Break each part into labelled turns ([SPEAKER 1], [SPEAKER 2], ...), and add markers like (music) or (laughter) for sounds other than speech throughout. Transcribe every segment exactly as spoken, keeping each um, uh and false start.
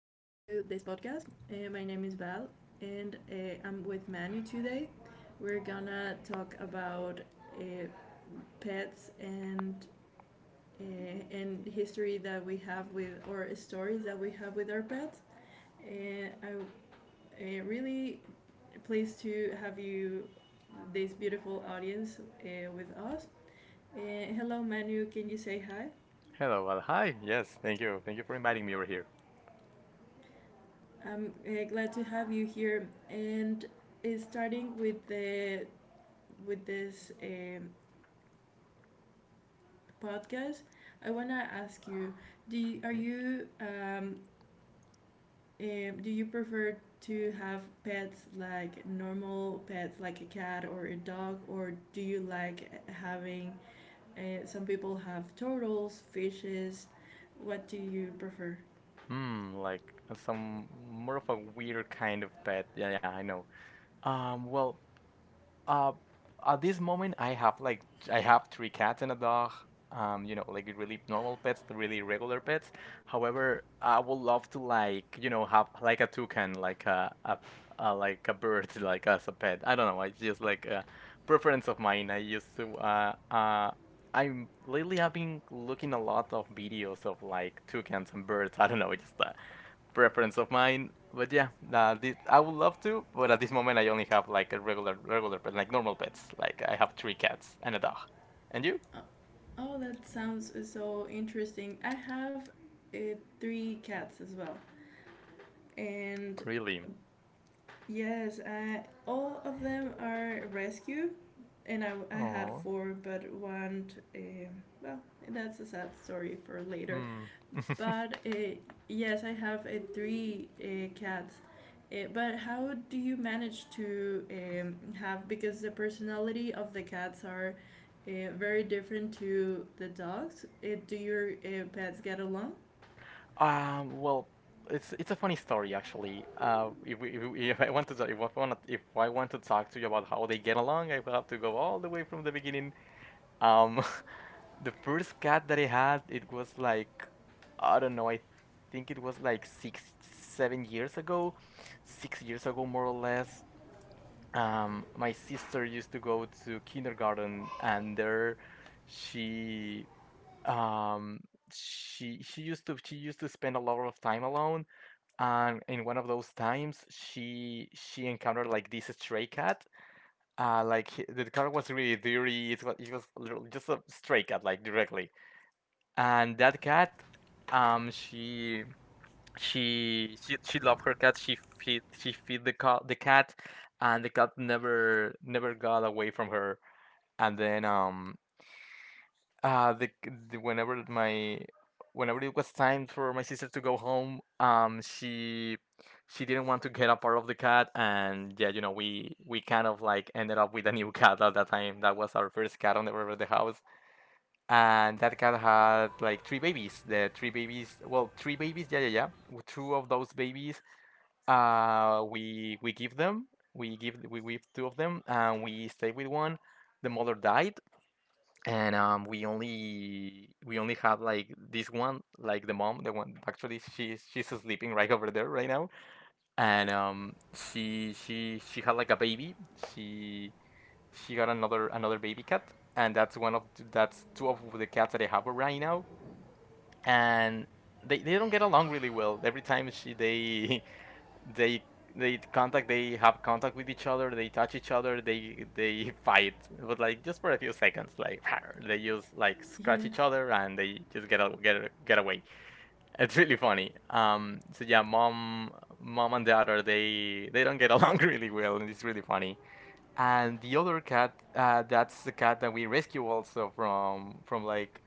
[SPEAKER 1] this podcast. Uh, my name is Val and uh, I'm with Manu today. We're gonna talk about uh, pets and uh, and history that we have with or stories that we have with our pets. And I'm uh, really pleased to have you, this beautiful audience, uh, with us. Uh, Hello, Manu. Can you say hi?
[SPEAKER 2] Hello, well, hi. Yes, thank you. Thank you for inviting me over here.
[SPEAKER 1] I'm uh, glad to have you here. And uh, starting with the with this um, podcast, I wanna ask you: Do you, are you um, um, do you prefer to have pets like normal pets like a cat or a dog, or do you like eh, having? Uh, some people have turtles, fishes. What do you prefer?
[SPEAKER 2] Hmm, like uh, some more of a weird kind of pet. Yeah, yeah, I know. Um, well, Uh, at this moment, I have like I have three cats and a dog. Um, you know, like really normal pets, really regular pets. However, I would love to like you know have like a toucan, like a a, a like a bird, (laughs) like as a pet. I don't know. It's just like a preference of mine. I used to uh uh. I'm lately I've been looking a lot of videos of like toucans and birds. (laughs) I don't know, it's just uh, preference of mine. But yeah, uh, this I would love to, but at this moment I only have like a regular, regular pet, like normal pets. Like I have three cats and a dog. And you?
[SPEAKER 1] Uh, Oh, that sounds so interesting. I have uh, three cats as well, and
[SPEAKER 2] Really?
[SPEAKER 1] yes, uh, all of them are rescue, and I, I had
[SPEAKER 2] Oh.
[SPEAKER 1] four, but one, uh, well, that's a sad story for later.
[SPEAKER 2] Hmm. (laughs)
[SPEAKER 1] But uh, yes, I have uh, three uh, cats. Uh, but how do you manage to um, have, because the personality of the cats are uh, very different to the dogs? Uh, do your uh, pets get along?
[SPEAKER 2] um. Well, it's it's a funny story actually. Uh, if we, if, we- if I want to talk, if I want to, if I want to talk to you about how they get along, I will have to go all the way from the beginning. Um, (laughs) the first cat that I had, it was like, I don't know, I think it was like six, seven years ago, six years ago, more or less. Um, my sister used to go to kindergarten, and there she, um, she she used to she used to spend a lot of time alone. And in one of those times, she she encountered like this stray cat uh, like he- the car was really dirty. It was, it was literally just a stray cat, like directly. And that cat, um, she she she she loved her cat. She feed she feed the cat the cat, and the cat never never got away from her. And then um uh the, the whenever my whenever it was time for my sister to go home um she she didn't want to get a part of the cat. And yeah, you know, we we kind of like ended up with a new cat at that time. That was our first cat on the river the house. And that cat had like three babies, the three babies, well, three babies, yeah, yeah, yeah. W- two of those babies uh we we give them we give we give two of them, and we stay with one. The mother died, and um we only we only have like this one, like the mom, the one. Actually, she's she's sleeping right over there right now. And um she she she had like a baby. she she got another another baby cat, and that's one of that's two of the cats that I have right now. And they, they don't get along really well. Every time she they they they contact they have contact with each other, they touch each other, they they (laughs) fight, but like just for a few seconds. Like (laughs) they just like scratch each
[SPEAKER 1] Yes.
[SPEAKER 2] other and they just get a get a, get away. It's really funny. Um so yeah, mom mom and dad, are they they don't get along (laughs) really well, and it's really funny. And the other cat, uh that's the cat that we rescue also from from like,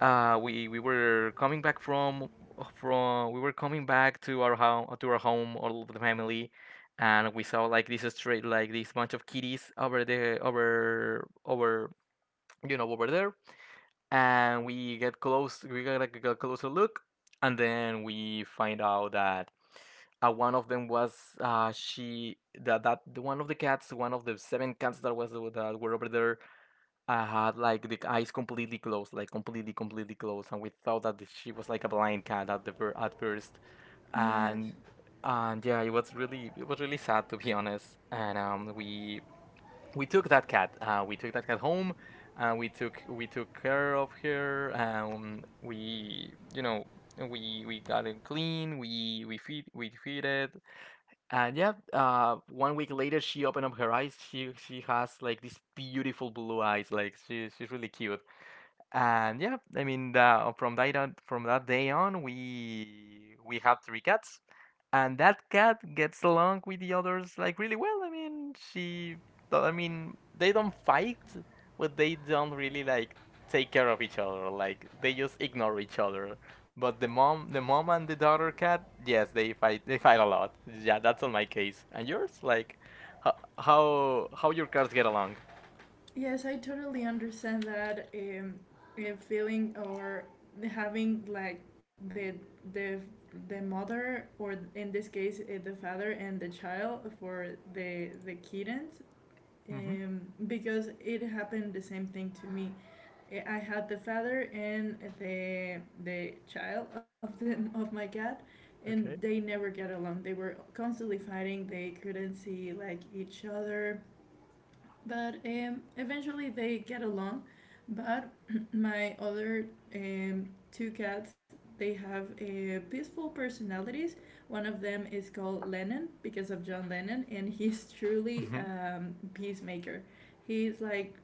[SPEAKER 2] uh, we we were coming back from from we were coming back to our home, to our home, all of the family, and we saw like this straight, like this bunch of kitties over the over over you know, over there, and we get close we got like a closer look, and then we find out that uh, one of them was uh she that that the one of the cats, one of the seven cats that was that were over there, I had like the eyes completely closed, like completely, completely closed, and we thought that she was like a blind cat at the fir at first,
[SPEAKER 1] Yes.
[SPEAKER 2] and and yeah, it was really, it was really sad, to be honest. And um, we we took that cat, uh, we took that cat home, uh, we took we took care of her, um, we you know we we got it clean, we we feed we feed it, and yeah, uh, one week later she opened up her eyes. She she has like these beautiful blue eyes. Like she she's really cute. And yeah, I mean, the, from that on, from that day on, we we have three cats, and that cat gets along with the others like really well. I mean, she, well, I mean, they don't fight, but they don't really like take care of each other. Like they just ignore each other. But the mom, the mom and the daughter cat, yes, they fight. They fight a lot. Yeah, that's on my case. And yours, like, how how, how your cats get along?
[SPEAKER 1] Yes, I totally understand that, um, uh, feeling or having like the the the mother or in this case uh, the father and the child for the the kittens,
[SPEAKER 2] Mm-hmm.
[SPEAKER 1] um, because it happened the same thing to me. Uh, I had the father and the the child of the of my cat, and they
[SPEAKER 2] Okay.
[SPEAKER 1] never get along. They were constantly fighting. They couldn't see like each other, but um, eventually they get along. But (clears throat) my other um, two cats, they have uh, peaceful personalities. One of them is called Lennon because of John Lennon, and he's (laughs) truly
[SPEAKER 2] Hmm.
[SPEAKER 1] a um, peacemaker. He's like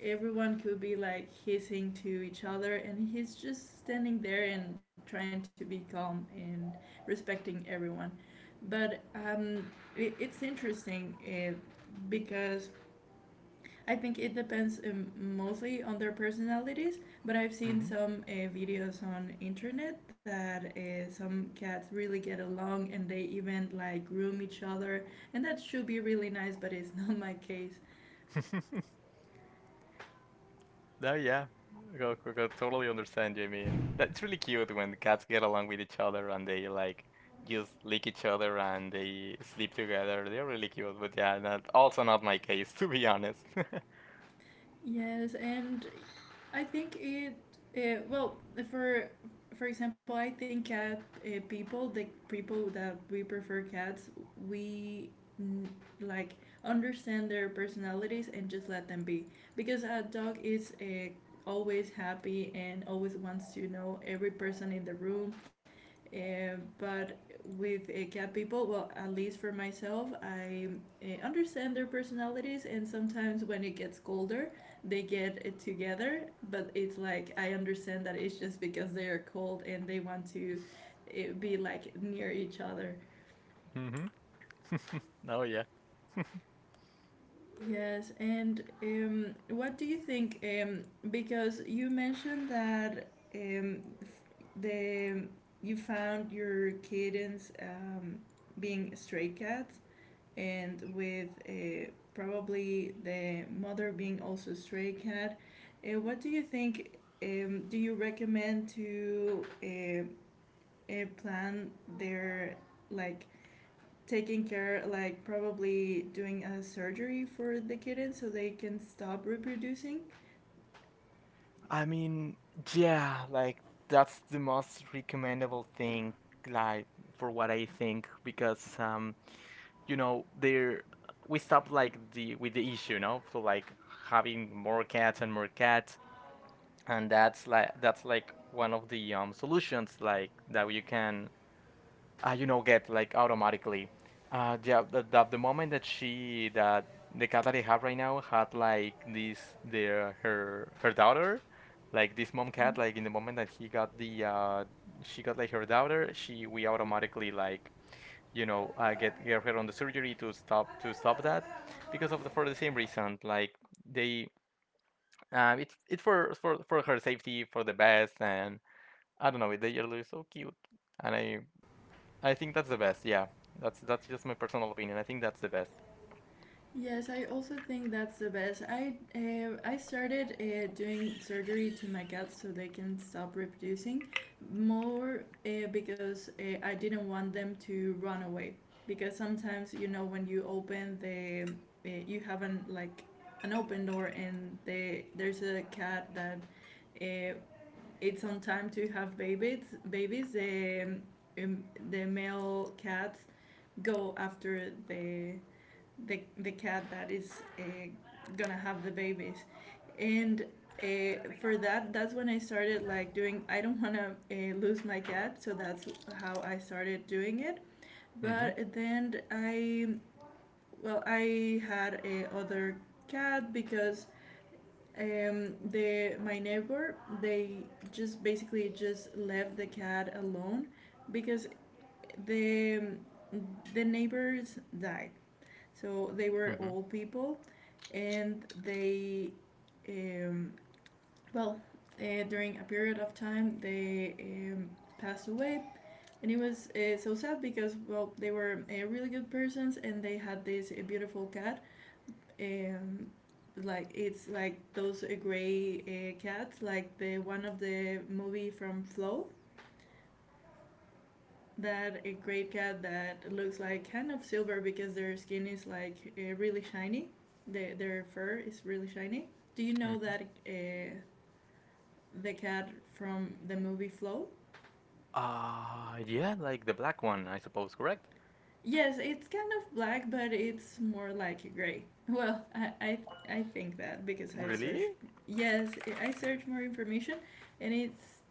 [SPEAKER 1] everyone could be like hissing to each other, and he's just standing there and trying to be calm and respecting everyone. But um, it, it's interesting, uh, because I think it depends, um, mostly on their personalities, but I've seen some uh, videos on internet that uh, some cats really get along and they even like groom each other, and that should be really nice, but it's (laughs) not my case.
[SPEAKER 2] Hmm. (laughs) No, yeah. I co- co- totally understand you. I mean, that's really cute when the cats get along with each other and they like just lick each other and they sleep together. They're really cute, but yeah, that also not my case, (laughs) to be honest. (laughs)
[SPEAKER 1] Yes, and I think it. Uh, well, for for example, I think cat uh, people, the people that we prefer cats, we, mm, like, understand their personalities and just let them be, because a dog is uh, always happy and always wants to know every person in the room, uh, but with uh, cat people, well, at least for myself, I uh, understand their personalities, and sometimes when it gets colder, they get it together. But it's like, I understand that it's just because they are cold and they want to uh, be like near each other.
[SPEAKER 2] Hmm. No, yeah.
[SPEAKER 1] Yes, and, um, what do you think? Um, because you mentioned that, um, the you found your kittens, um, being stray cats and with uh, probably the mother being also a stray cat. Uh, what do you think? Um, do you recommend to uh, uh, plan their, like, taking care, like probably doing a surgery for the kitten so they can stop reproducing?
[SPEAKER 2] I mean, yeah, like that's the most recommendable thing, like for what I think, because um, you know, there we stop like the with the issue, no? So like having more cats and more cats, and that's like, that's like one of the um solutions, like that you can uh, you know get like automatically uh Yeah, the, the, the moment that she that the cat that I have right now had like this their her her daughter, like this mom cat, like in the moment that he got the uh she got like her daughter, she we automatically, like, you know, uh, get get her on the surgery, to stop to stop
[SPEAKER 1] No.
[SPEAKER 2] that, because of the, for the same reason. Like they, um, it's it's for for for her safety, for the best. And I don't know. They are really so cute, and I I think that's the best. Yeah, that's that's just my personal opinion. I think that's the best.
[SPEAKER 1] Yes, I also think that's the best. I uh, I started, uh, doing surgery to my cats so they can stop reproducing, more uh, because uh, I didn't want them to run away. Because sometimes, you know when you open the uh, you have an like an open door, and they there's a cat that, uh, it's on time to have babies. Babies, the um, the male cats go after the the the cat that is uh, gonna have the babies, and uh, for that that's when I started, like, doing. I don't wanna uh, lose my cat, so that's how I started doing it.
[SPEAKER 2] Mm-hmm.
[SPEAKER 1] But then, I well I had a other cat because, um the my neighbor, they just basically just left the cat alone, because the the neighbors died, so they were
[SPEAKER 2] Mm-hmm.
[SPEAKER 1] old people. And they, um, well, uh, during a period of time, they um, passed away. And it was uh, so sad because, well, they were uh, really good persons and they had this uh, beautiful cat. Um, like, it's like those uh, gray uh, cats, like the one of the movie from Flow. That a great cat that looks like kind of silver because their skin is like uh, really shiny. The, their fur is really shiny. Do you know
[SPEAKER 2] Mm-hmm.
[SPEAKER 1] that uh, the cat from the movie Flow?
[SPEAKER 2] Uh, yeah, like the black one, I suppose. Correct?
[SPEAKER 1] Yes, it's kind of black, but it's more like gray. (laughs) Well, I, I, I think that, because I
[SPEAKER 2] Really?
[SPEAKER 1] searched. Yes, I searched more information, and it's.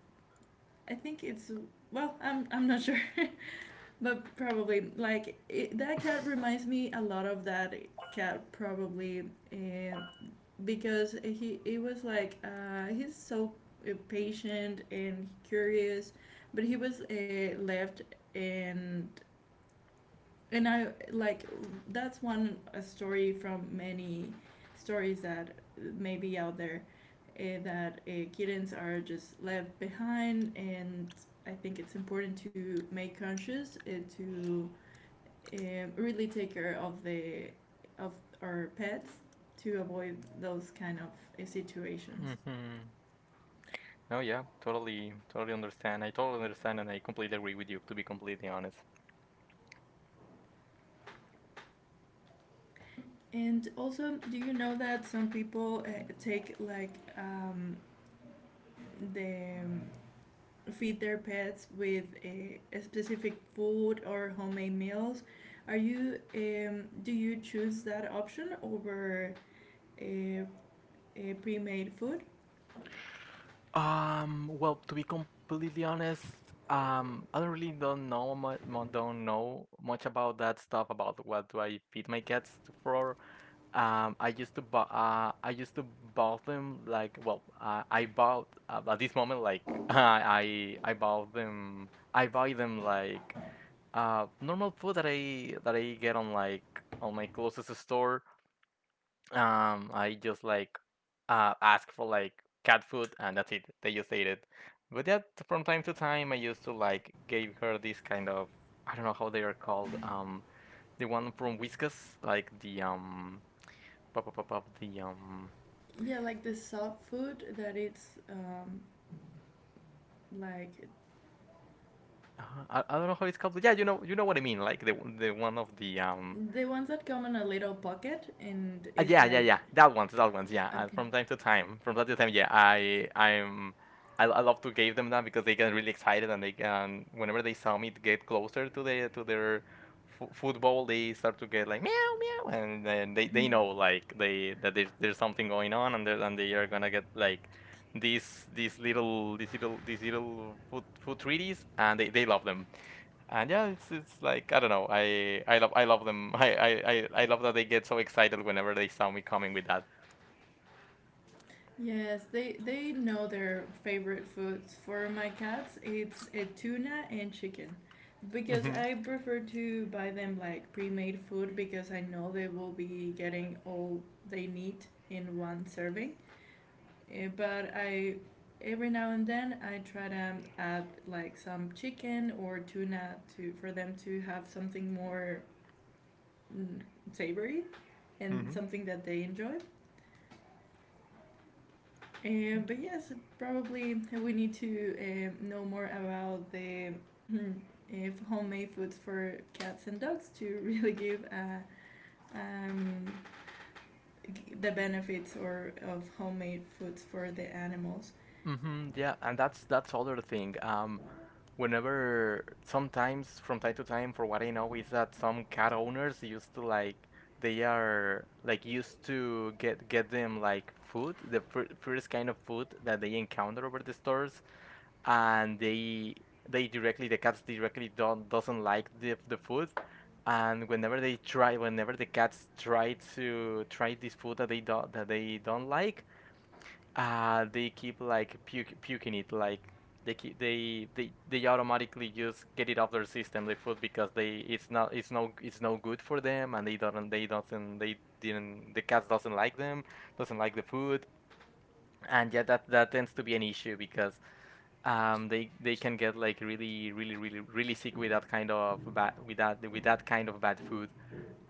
[SPEAKER 1] I think it's. Well, I'm, I'm not (laughs) sure. But probably like it, that cat reminds me a lot of that cat, probably, uh, because he it was like, uh, he's so uh, patient and curious, but he was uh, left. And and I like, that's one a story from many stories that may be out there, uh, that uh, kittens are just left behind. And I think it's important to make conscious, uh, to um, really take care of the of our pets, to avoid those kind of uh, situations.
[SPEAKER 2] Mm-hmm. No, yeah, totally, totally understand. I totally understand, and I completely agree with you. To be completely honest.
[SPEAKER 1] And also, do you know that some people uh, take, like, um, the um, feed their pets with a, a specific food or homemade meals? Are you um, Do you choose that option over a, a pre-made food?
[SPEAKER 2] Um, well, to be completely honest, um, I don't really don't know mu- mu- don't know much about that stuff about what do I feed my cats for. Um, I used to buy, uh, I used to bought them like, well, uh, I bought uh, at this moment, like, (laughs) I I bought them, I buy them like uh normal food that I that I get on like on my closest store. Um, I just like uh, ask for like cat food, and that's it. They just ate it. But yeah, t- from time to time, I used to like gave her this kind of, I don't know how they are called. Um, the one from Whiskas, like the um, pop pop pop pop the um.
[SPEAKER 1] Yeah, like the soft food that it's, um, like.
[SPEAKER 2] uh, I, I don't know how it's called, but yeah, you know, you know what I mean. Like the the one of the um,
[SPEAKER 1] The ones that come in a little pocket and
[SPEAKER 2] uh,
[SPEAKER 1] it's
[SPEAKER 2] yeah, yeah,
[SPEAKER 1] like.
[SPEAKER 2] yeah. That ones, that ones. Yeah, uh,
[SPEAKER 1] Okay.
[SPEAKER 2] from time to time, from time to time. Yeah, I, I'm, I, I love to give them that because they get really excited, and they can, whenever they saw me get closer to the to their f- football, they start to get like meow meow, and then they, they
[SPEAKER 1] Mhm.
[SPEAKER 2] know like they that there's there's something going on, and they, and they are gonna get like these these little these little these little food food treaties, and they, they love them. And yeah, it's it's like I don't know. I I love I love them. (laughs) I I I, I love that they get so excited whenever they saw me coming with that.
[SPEAKER 1] Yes, they they know their favorite foods. For my cats, it's a tuna and chicken. Because
[SPEAKER 2] Hmm.
[SPEAKER 1] I prefer to buy them like pre-made food, because I know they will be getting all they need in one serving. Eh, But, I every now and then, I try to add like some chicken or tuna to for them to have something more, mm, savory, and
[SPEAKER 2] Hmm.
[SPEAKER 1] something that they enjoy. Um, but yes, probably we need to, um, know more about the hmm, if homemade foods for cats and dogs to (laughs) really give, uh, um, the benefits or of homemade foods for the animals.
[SPEAKER 2] Hmm. Yeah, and that's that's other thing. Um, whenever, sometimes from time to time, for what I know, is that some cat owners used to like they are like used to get get them like food, the fir- first kind of food that they encounter over the stores, and they they directly, the cats directly don't doesn't like the the food. And whenever they try, whenever the cats try to try this food that they don't, that they don't like, uh they keep like puke, puking it. Like, they keep they, they they automatically just get it off their system, the food, because they, it's not, it's no, it's no good for them, and they don't, they doesn't, they didn't, the cats doesn't like them, doesn't like the food. And yeah, that, that tends to be an issue, because um they they can get like really really really really sick with that kind of bad, with that, with that kind of bad food.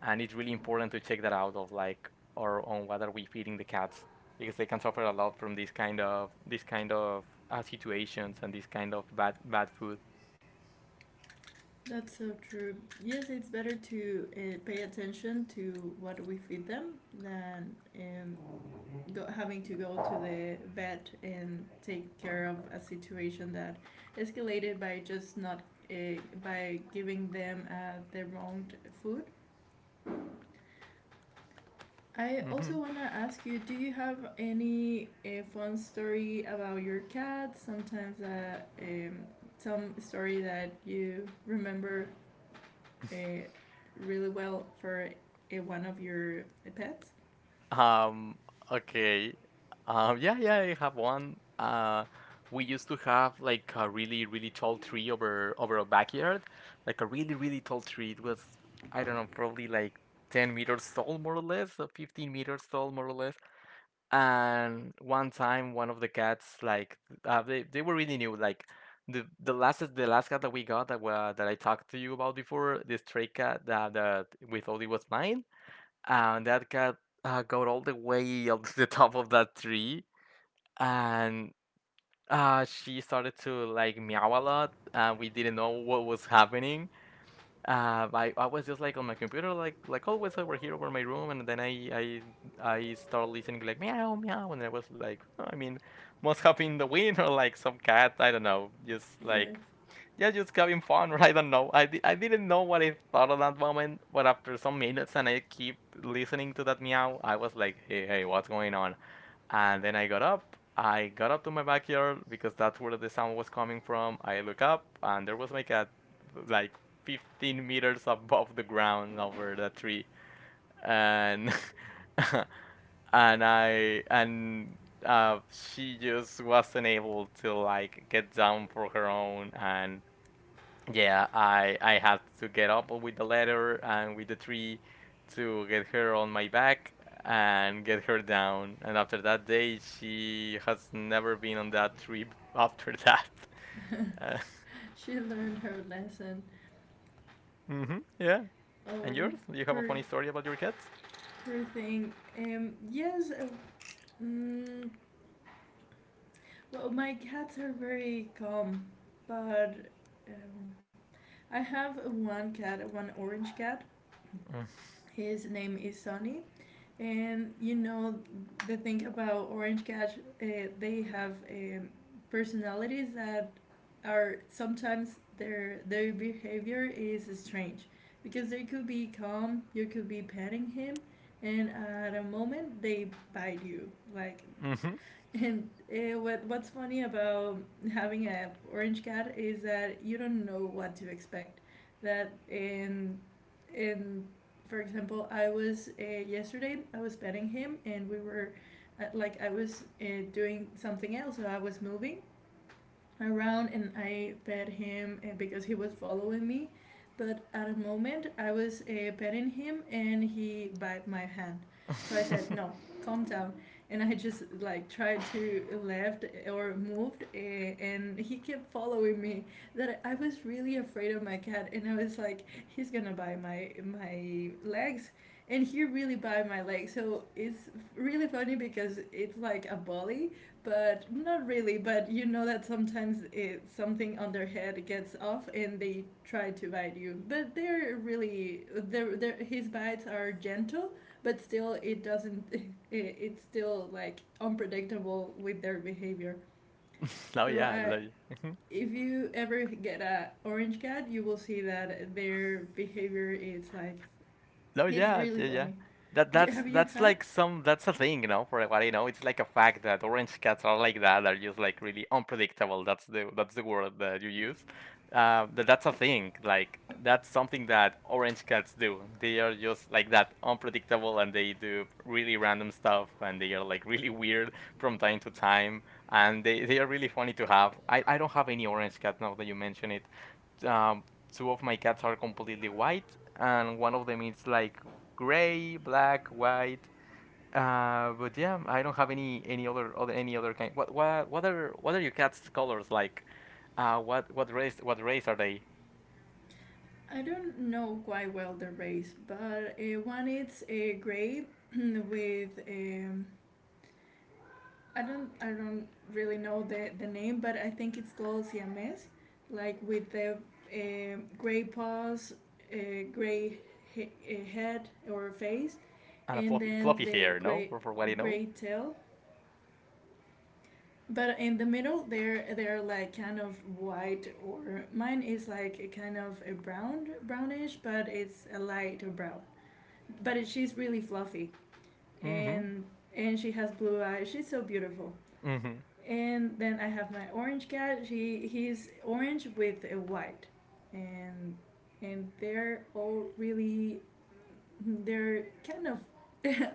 [SPEAKER 2] And it's really important to check that out of like or on what are we feeding the cats, because they can suffer a lot from this kind of, this kind of uh, situations, and this kind of bad bad food.
[SPEAKER 1] That's so true. Yes, it's better to uh, pay attention to what we feed them than, um, go, having to go to the vet and take care of a situation that escalated by just not, uh, by giving them uh, the wrong food. I also
[SPEAKER 2] Hmm.
[SPEAKER 1] want to ask you, do you have any uh, fun story about your cat? Sometimes, uh, um, some story that you remember uh, really well for uh, one of your pets?
[SPEAKER 2] Um, okay. Um, yeah, yeah, I have one. Uh, we used to have like a really, really tall tree over over our backyard, like a really, really tall tree. It was, I don't know, probably like ten meters tall, more or less, or fifteen meters tall, more or less. And one time, one of the cats, like, uh, they they were really new. Like, the the last the last cat that we got that wa that I talked to you about before, the stray cat that that we thought it was mine, and that cat uh, got all the way up (laughs) to the top of that tree. And uh, she started to like meow a lot and we didn't know what was happening. Uh, I, I was just like on my computer like like always over here over my room. And then I I, I started listening like meow meow and I was like, "Oh, I mean, must have been the wind or like some cat, I don't know, just
[SPEAKER 1] Yes,
[SPEAKER 2] like, yeah, just having fun," (laughs) right? I don't know. I, di- I didn't know what I thought at that moment, but after some minutes and I keep listening to that meow, I was like, hey, hey, what's going on? And then I got up. I got up to my backyard because that's where the sound was coming from. I look up and there was my cat like fifteen meters above the ground over the tree. And (laughs) and I and uh, she just wasn't able to like get down for her own. And yeah, I I had to get up with the ladder and with the tree to get her on my back and get her down. And after that day, she has never been on that trip after that. (laughs) Uh,
[SPEAKER 1] she learned her lesson.
[SPEAKER 2] hmm, yeah. And
[SPEAKER 1] Um,
[SPEAKER 2] yours? Do you have a
[SPEAKER 1] per
[SPEAKER 2] funny story about your cats?
[SPEAKER 1] Sure thing. Um, yes. Uh, mm, well, my cats are very calm, but um, I have one cat, one orange cat. His name is Sonny, and you know the thing about orange cats, uh, they have um, personalities that are sometimes, their their behavior is strange, because they could be calm, you could be petting him, and at a moment they bite you, like.
[SPEAKER 2] Mm-hmm.
[SPEAKER 1] And uh, what what's funny about having a orange cat is that you don't know what to expect. That in in For example, I was uh, yesterday I was petting him and we were uh, like I was uh, doing something else, so I was moving around, and I pet him, uh, because he was following me. But at a moment, I was uh, petting him and he bit my hand. So I said, "No,
[SPEAKER 2] (laughs)
[SPEAKER 1] calm down." And I just like tried to left or moved, uh, and he kept following me. That I was really afraid of my cat, and I was like, "He's gonna bite my my legs." And he really bit my leg, so it's really funny, because it's like a bully but not really, but you know that sometimes, it, something on their head gets off and they try to bite you, but they're really, they're, they're, his bites are gentle, but still it doesn't (laughs) it, it's still like unpredictable with their behavior.
[SPEAKER 2] Oh
[SPEAKER 1] So,
[SPEAKER 2] yeah, I
[SPEAKER 1] uh,
[SPEAKER 2] love. (laughs)
[SPEAKER 1] if you ever get a orange cat, you will see that their behavior is like.
[SPEAKER 2] No,
[SPEAKER 1] It's
[SPEAKER 2] yeah,
[SPEAKER 1] really
[SPEAKER 2] yeah, yeah.
[SPEAKER 1] funny.
[SPEAKER 2] That
[SPEAKER 1] Do,
[SPEAKER 2] that's
[SPEAKER 1] have you
[SPEAKER 2] that's
[SPEAKER 1] had.
[SPEAKER 2] like some, that's a thing, you know, for what I know. It's like a fact that orange cats are like that, are just like really unpredictable. That's the that's the word that you use. Uh, that that's a thing. Like, that's something that orange cats do. They are just like that, unpredictable, and they do really random stuff and they are like really weird from time to time. And they, they are really funny to have. I, I don't have any orange cat, now that you mention it. Um, Two of my cats are completely white, and one of them is like gray, black, white. Uh, but yeah, I don't have any any other, other, any other kind. What what what are what are your cat's colors like? Uh, what what race what race are they?
[SPEAKER 1] I don't know quite well the race, but, uh, one it's, uh, gray (clears throat) with, um, I don't I don't really know the the name, but I think it's called Siamese, like with the um gray paws, uh, gray, he- uh, head or face,
[SPEAKER 2] And a
[SPEAKER 1] and
[SPEAKER 2] fluffy
[SPEAKER 1] then
[SPEAKER 2] fluffy
[SPEAKER 1] the
[SPEAKER 2] hair, no?
[SPEAKER 1] gray
[SPEAKER 2] For, for what you know.
[SPEAKER 1] gray tail. But in the middle, they're they're like kind of white, or mine is like a kind of a brown, brownish, but it's a light brown. but it, she's really fluffy,
[SPEAKER 2] Mm-hmm.
[SPEAKER 1] and and she has blue eyes. She's so beautiful.
[SPEAKER 2] Mm-hmm.
[SPEAKER 1] And then I have my orange cat. He he's orange with a white, and and they're all really, they're kind of,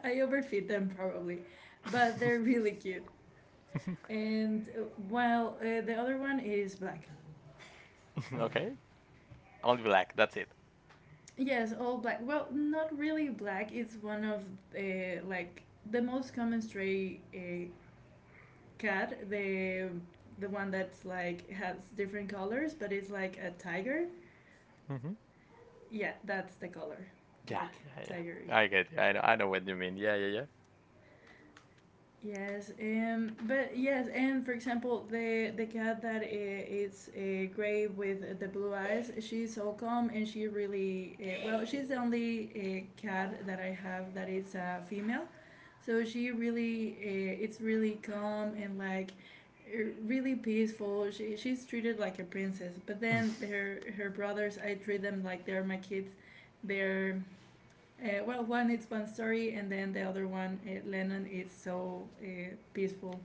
[SPEAKER 1] (laughs) I overfeed them probably, but they're really cute. And uh, While uh, the other one is black.
[SPEAKER 2] (laughs) Okay. Only black. That's it.
[SPEAKER 1] Yes, all black. Well, not really black. It's one of uh, like the most common stray uh, cat, the the one that's like has different colors, but it's like a tiger.
[SPEAKER 2] Mm-hmm.
[SPEAKER 1] Yeah, that's the color,
[SPEAKER 2] Yeah,
[SPEAKER 1] like
[SPEAKER 2] yeah,
[SPEAKER 1] tigery.
[SPEAKER 2] yeah. I get you. I know. I know what you mean. Yeah, yeah,
[SPEAKER 1] Yes, um, but yes, and for example, the the cat that uh, is uh, gray with the blue eyes, she's so calm and she really uh, well. She's the only uh, cat that I have that is a female, so she really uh, it's really calm and like uh, really peaceful. She she's treated like a princess, but
[SPEAKER 2] yeah. (laughs)
[SPEAKER 1] then her her brothers, I treat them like they're my kids. They're uh, well, one it's one story, and then the other one, uh, Lennon, is so uh, peaceful.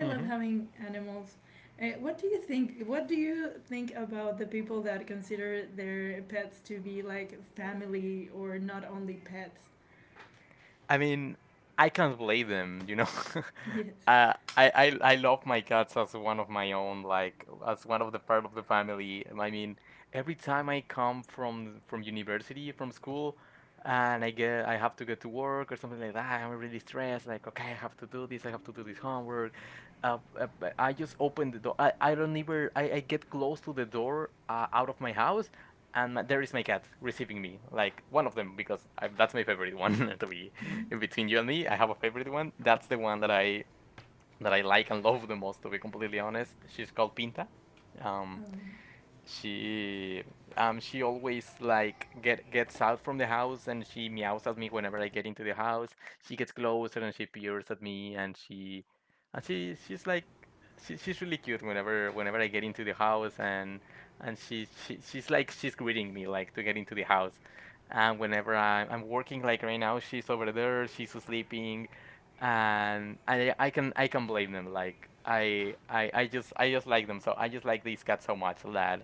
[SPEAKER 1] I love
[SPEAKER 2] Mhm.
[SPEAKER 1] having animals. Uh, what do you think? What do you think about the people that consider their pets to be like family or not only pets?
[SPEAKER 2] I mean, I can't blame them, you know. (laughs)
[SPEAKER 1] Yes.
[SPEAKER 2] Uh, I, I I love my cats as one of my own, like as one of the part of the family. I mean, every time I come from from university, from school, and I get, I have to get to work or something like that, I'm really stressed. Like, okay, I have to do this, I have to do this homework. Uh, uh, but I just open the door. I, I don't even, I, I get close to the door, uh, out of my house, and my, there is my cat receiving me, like one of them, because I, that's my favorite one. (laughs) To be,
[SPEAKER 1] Mhm.
[SPEAKER 2] between you and me, I have a favorite one. That's the one that I that I like and love the most. To be completely honest, she's called Pinta. Um,
[SPEAKER 1] Um,
[SPEAKER 2] she, um she always like get gets out from the house and she meows at me whenever I get into the house. She gets closer and she peers at me and she and she she's like she, she's really cute whenever whenever I get into the house. And and she, she she's like she's greeting me like to get into the house. And whenever I'm, I'm working like right now, she's over there, she's sleeping. And I I can I can blame them. Like, I I I just I just like them, so I just like these cats so much that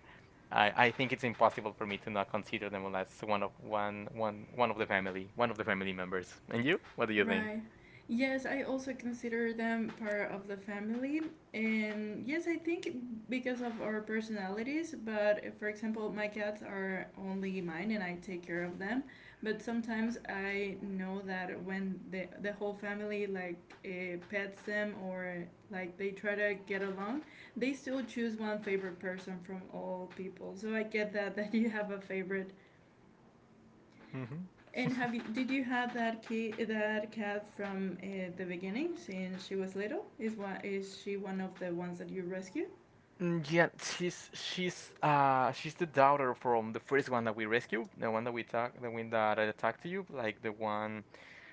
[SPEAKER 2] I, I think it's impossible for me to not consider them unless one of, one one one of the family, one of the family members. And you, what do you think?
[SPEAKER 1] Right. Yes, I also consider them part of the family. And yes, I think because of our personalities, but uh, for example, my cats are only mine and I take care of them. But sometimes I know that when the, the whole family like uh, pets them or like they try to get along, they still choose one favorite person from all people. So I get that (laughs) that you have a favorite
[SPEAKER 2] Mm-hmm.
[SPEAKER 1] and have you, did you have that kid that cat from uh, the beginning since she was little? Is one is she one of the ones that you rescue?
[SPEAKER 2] Yeah, she's she's uh she's the daughter from the first one that we rescued, the one that we talk, the one that I talked to you, like the one.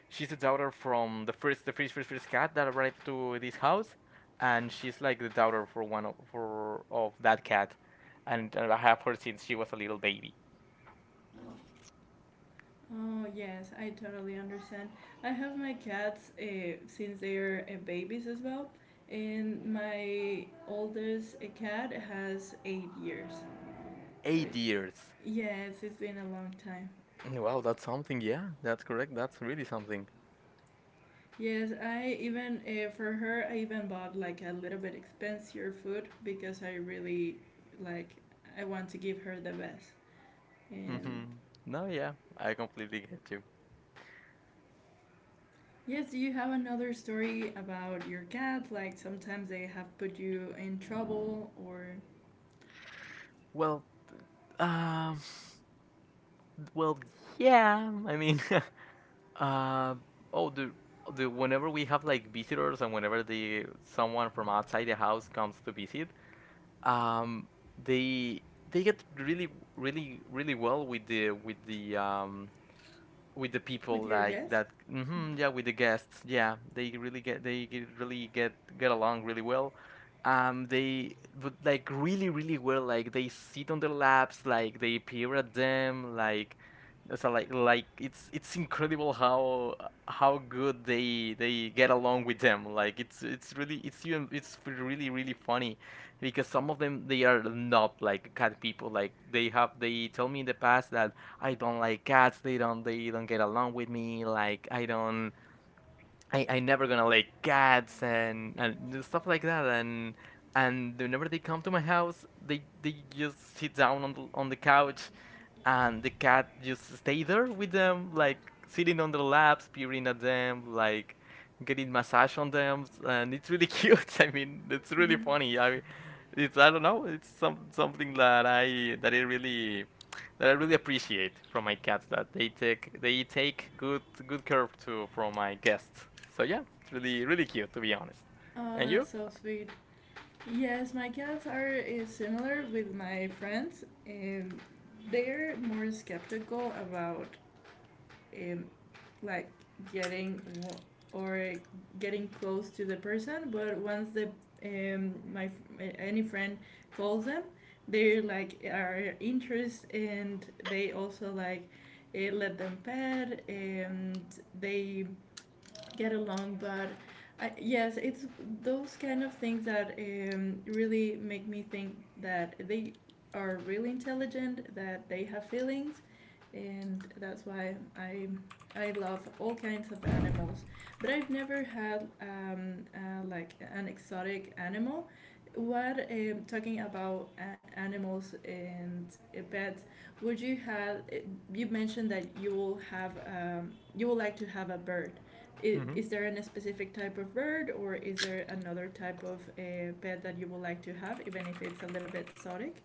[SPEAKER 2] She's the daughter from the first the first first first cat that arrived to this house, and she's like the daughter for one of, for of that cat, and I have her since she was a little baby,
[SPEAKER 1] Oh yes, I totally understand. I have my cats uh, since they are uh, babies as well, and my oldest uh, cat has eight years. So
[SPEAKER 2] eight
[SPEAKER 1] it's,
[SPEAKER 2] years.
[SPEAKER 1] yes, it's been a long time.
[SPEAKER 2] Mm, wow, that's something. Yeah, that's correct. That's really something.
[SPEAKER 1] Yes, I even uh, for her, I even bought like a little bit expensive food because I really like I want to give her the best. And
[SPEAKER 2] Mm-hmm. No, yeah, I completely get you.
[SPEAKER 1] yes, do you have another story about your cat? Like sometimes they have put you in trouble or
[SPEAKER 2] Well, um, well, yeah. I mean, (laughs) uh, oh, the the whenever we have like visitors and whenever the someone from outside the house comes to visit, um, they they get really, really, really well with the with the um with the people.
[SPEAKER 1] with your
[SPEAKER 2] Like
[SPEAKER 1] guests.
[SPEAKER 2] that, hmm, yeah, with the guests, yeah, they really get, they get, really get get along really well. Um they, but like really really well. Like, they sit on their laps, like they peer at them, like, so like like it's it's incredible how how good they they get along with them. Like, it's it's really, it's even, it's really really funny because some of them, they are not like cat people. Like, they have, they tell me in the past that, "I don't like cats. They don't, they don't get along with me. Like, I don't, I I never gonna like cats and and stuff like that." And and whenever they come to my house, they they just sit down on the on the couch, and the cat just stay there with them, like sitting on their laps, peering at them, like getting massage on them, and it's really (laughs) cute. I mean, it's really
[SPEAKER 1] Mhm.
[SPEAKER 2] funny. I mean, it's, I don't know, it's some, something that I that I really, that I really appreciate from my cats, that they take, they take good good care to, from my guests. So yeah, it's really really cute, to be honest.
[SPEAKER 1] Oh,
[SPEAKER 2] And you?
[SPEAKER 1] that's so sweet. Yes, my cats are uh, similar with my friends, and they're more skeptical about um, like getting w- or getting close to the person, but once the um, my any friend calls them, they like are interest and they also like uh, let them pet and they get along, but I, yes, it's those kind of things that um, really make me think that they are really intelligent, that they have feelings, and that's why I I love all kinds of animals. But I've never had um, uh, like an exotic animal. What um, talking about a- animals and uh, pets? Would you have? eh, You mentioned that you will have um, you would like to have a bird. Is,
[SPEAKER 2] Hmm.
[SPEAKER 1] is there a specific type of bird, or is there another type of uh, pet that you would like to have, even if it's a little bit exotic?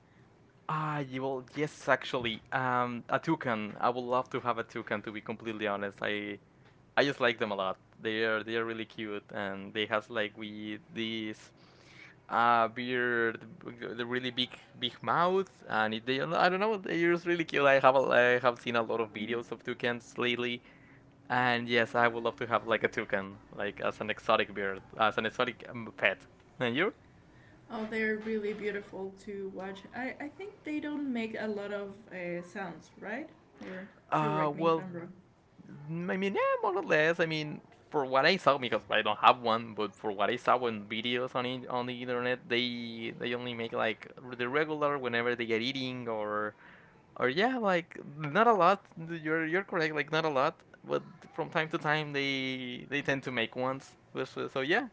[SPEAKER 2] Ah, you will, yes, actually. Um, a toucan. I would love to have a toucan. To be completely honest, I I just like them a lot. They are they are really cute, and they has like we this uh beard, b- the really big big mouth, and it, they, I don't know, they're just really cute. I have a, I have seen a lot of
[SPEAKER 1] Mm.
[SPEAKER 2] videos of toucans lately, and yes, I would love to have like a toucan, like as an exotic bird, as an exotic um, pet. And you?
[SPEAKER 1] Oh, they're really beautiful to watch. I, I think they don't make a lot of uh, sounds, right? Or
[SPEAKER 2] Uh,
[SPEAKER 1] correct me if
[SPEAKER 2] well,
[SPEAKER 1] I'm wrong.
[SPEAKER 2] I mean, yeah, more or less. I mean, for what I saw, because I don't have one, but for what I saw on videos on, in, on the internet, they they only make like the regular whenever they get eating, or or yeah, like not a lot. You're you're correct, like not a lot, but from time to time they they tend to make ones. So, so yeah.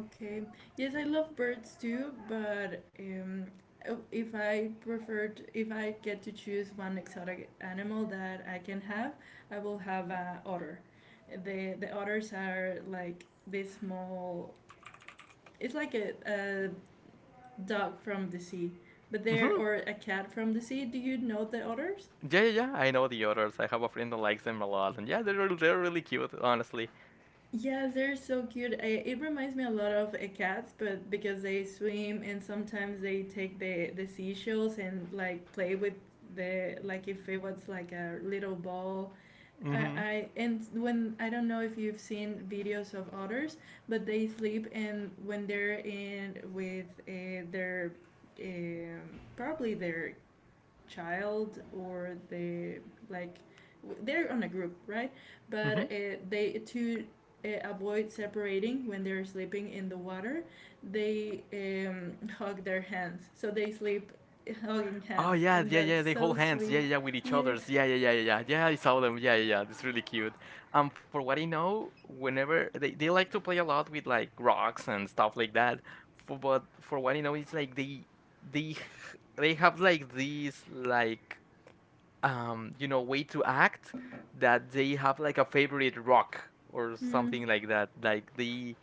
[SPEAKER 1] Okay. Yes, I love birds too, but um, oh, if I preferred, if I get to choose one exotic animal that I can have, I will have an otter. The the otters are like this small. It's like a, a dog from the sea, but they're
[SPEAKER 2] Hmm.
[SPEAKER 1] or a cat from the sea. Do you know the otters?
[SPEAKER 2] Yeah, yeah, yeah. I know the others. I have a friend that likes them a lot, and yeah, they're they're really cute, honestly.
[SPEAKER 1] Yeah, they're so cute. I, it reminds me a lot of uh, cats, but because they swim and sometimes they take the the seashells and like play with the like if it was like a little ball. I,
[SPEAKER 2] Mm-hmm.
[SPEAKER 1] I and when I don't know if you've seen videos of otters, but they sleep and when they're in with uh, their um, probably their child or the like they're on a group right
[SPEAKER 2] Mm-hmm.
[SPEAKER 1] but uh, they to uh, avoid separating when they're sleeping in the water they um, hug their hands so they sleep hugging
[SPEAKER 2] Oh
[SPEAKER 1] hands
[SPEAKER 2] yeah,
[SPEAKER 1] and
[SPEAKER 2] yeah, yeah.
[SPEAKER 1] that's
[SPEAKER 2] They
[SPEAKER 1] so
[SPEAKER 2] hold hands. Yeah,
[SPEAKER 1] sweet
[SPEAKER 2] yeah, yeah, with each
[SPEAKER 1] yes
[SPEAKER 2] other's. Yeah, yeah, yeah, yeah, yeah. Yeah, I saw them. Yeah, yeah, yeah. It's really cute. Um, for what I know, whenever they, they like to play a lot with like rocks and stuff like that. For, but for what I know, it's like they they (laughs) h- they have like these like, um you know, way to act that they have like a favorite rock or
[SPEAKER 1] mm.
[SPEAKER 2] something like that. Like, they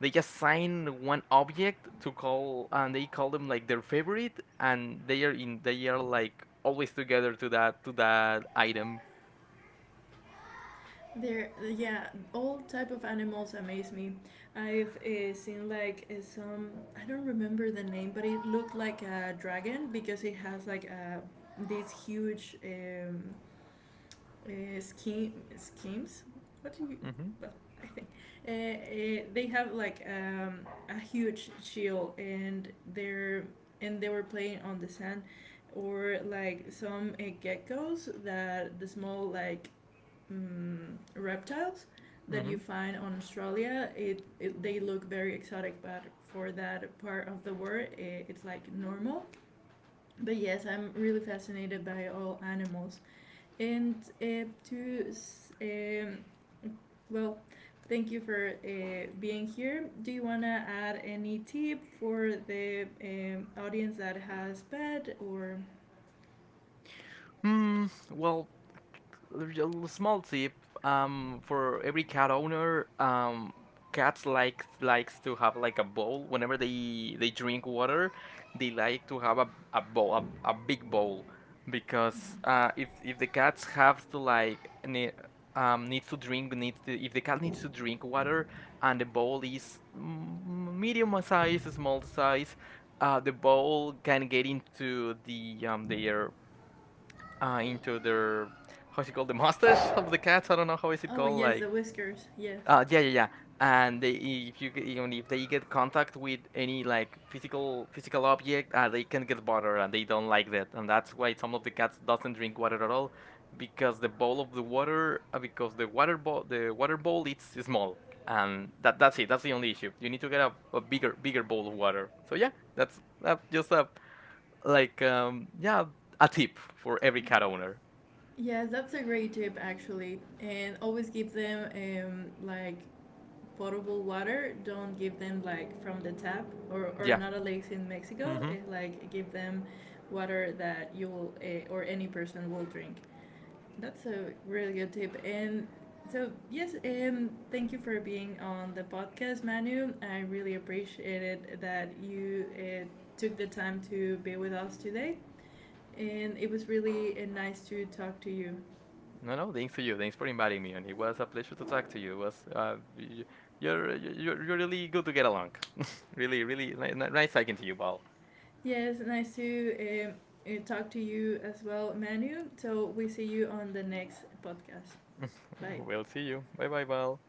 [SPEAKER 2] they assign one object to call and they call them like their favorite, and they are in, they are like always together to that, to that item.
[SPEAKER 1] There, yeah, all type of animals amaze me. I've uh, seen like uh, some, I don't remember the name, but it looked like a dragon because it has like a, these huge um, uh, scheme, schemes. What do you?
[SPEAKER 2] Mm-hmm.
[SPEAKER 1] Well, I think uh, uh, they have like um, a huge shield, and they're and they were playing on the sand, or like some uh, geckos that the small like um, reptiles that you
[SPEAKER 2] Mm-hmm.
[SPEAKER 1] find on Australia. It, it they look very exotic, but for that part of the world, it it's like normal. But yes, I'm really fascinated by all animals. And uh, to um, well, Thank you for uh, being here. Do you wanna add any tip for the um, audience that has pet or?
[SPEAKER 2] Hmm, well, real small tip, um for every cat owner. Um cats like, likes to have like a bowl whenever they they drink water. They like to have a, a bowl, a, a big bowl. Because uh if if the cats have to like, ne- um needs to drink, needs to, if the cat needs to drink water and the bowl is, mm, medium size, small size, uh the bowl can get into the um their uh, into their, how's it called? The mustache of the cats? I don't know how is it
[SPEAKER 1] Oh
[SPEAKER 2] called.
[SPEAKER 1] yes,
[SPEAKER 2] Like,
[SPEAKER 1] the whiskers. Yes.
[SPEAKER 2] uh, yeah, yeah, yeah. And they, if you get- even if they get contact with any like physical physical object, uh, they can get bothered and they don't like that. And that's why some of the cats doesn't drink water at all, because the bowl of the water, uh, because the water bowl, the water bowl, it's small. And that that's it. That's the only issue. You need to get a, a bigger bigger bowl of water. So yeah, that's that, just a like um yeah, a tip for every cat owner.
[SPEAKER 1] Yes, that's a great tip actually. And always give them um, like potable water. Don't give them like from the tap or, or
[SPEAKER 2] Yeah.
[SPEAKER 1] not a lake in Mexico.
[SPEAKER 2] Mm-hmm.
[SPEAKER 1] Eh, like give them water that you will uh, or any person will drink. That's a really good tip. And so yes, um, thank you for being on the podcast, Manu. I really appreciated that you uh, took the time to be with us today. And it was really uh, nice to talk to you.
[SPEAKER 2] No, no, thanks to you. Thanks for inviting me, and it was a pleasure to talk to you. It was, uh, y- you're you're you're really good to get along. (laughs) Really, really ni- ni- nice talking to you, Bal.
[SPEAKER 1] Yes, nice to um, uh, talk to you as well, Manu. So we see you on the next podcast. Bye.
[SPEAKER 2] We'll see you. Bye, bye, Bal.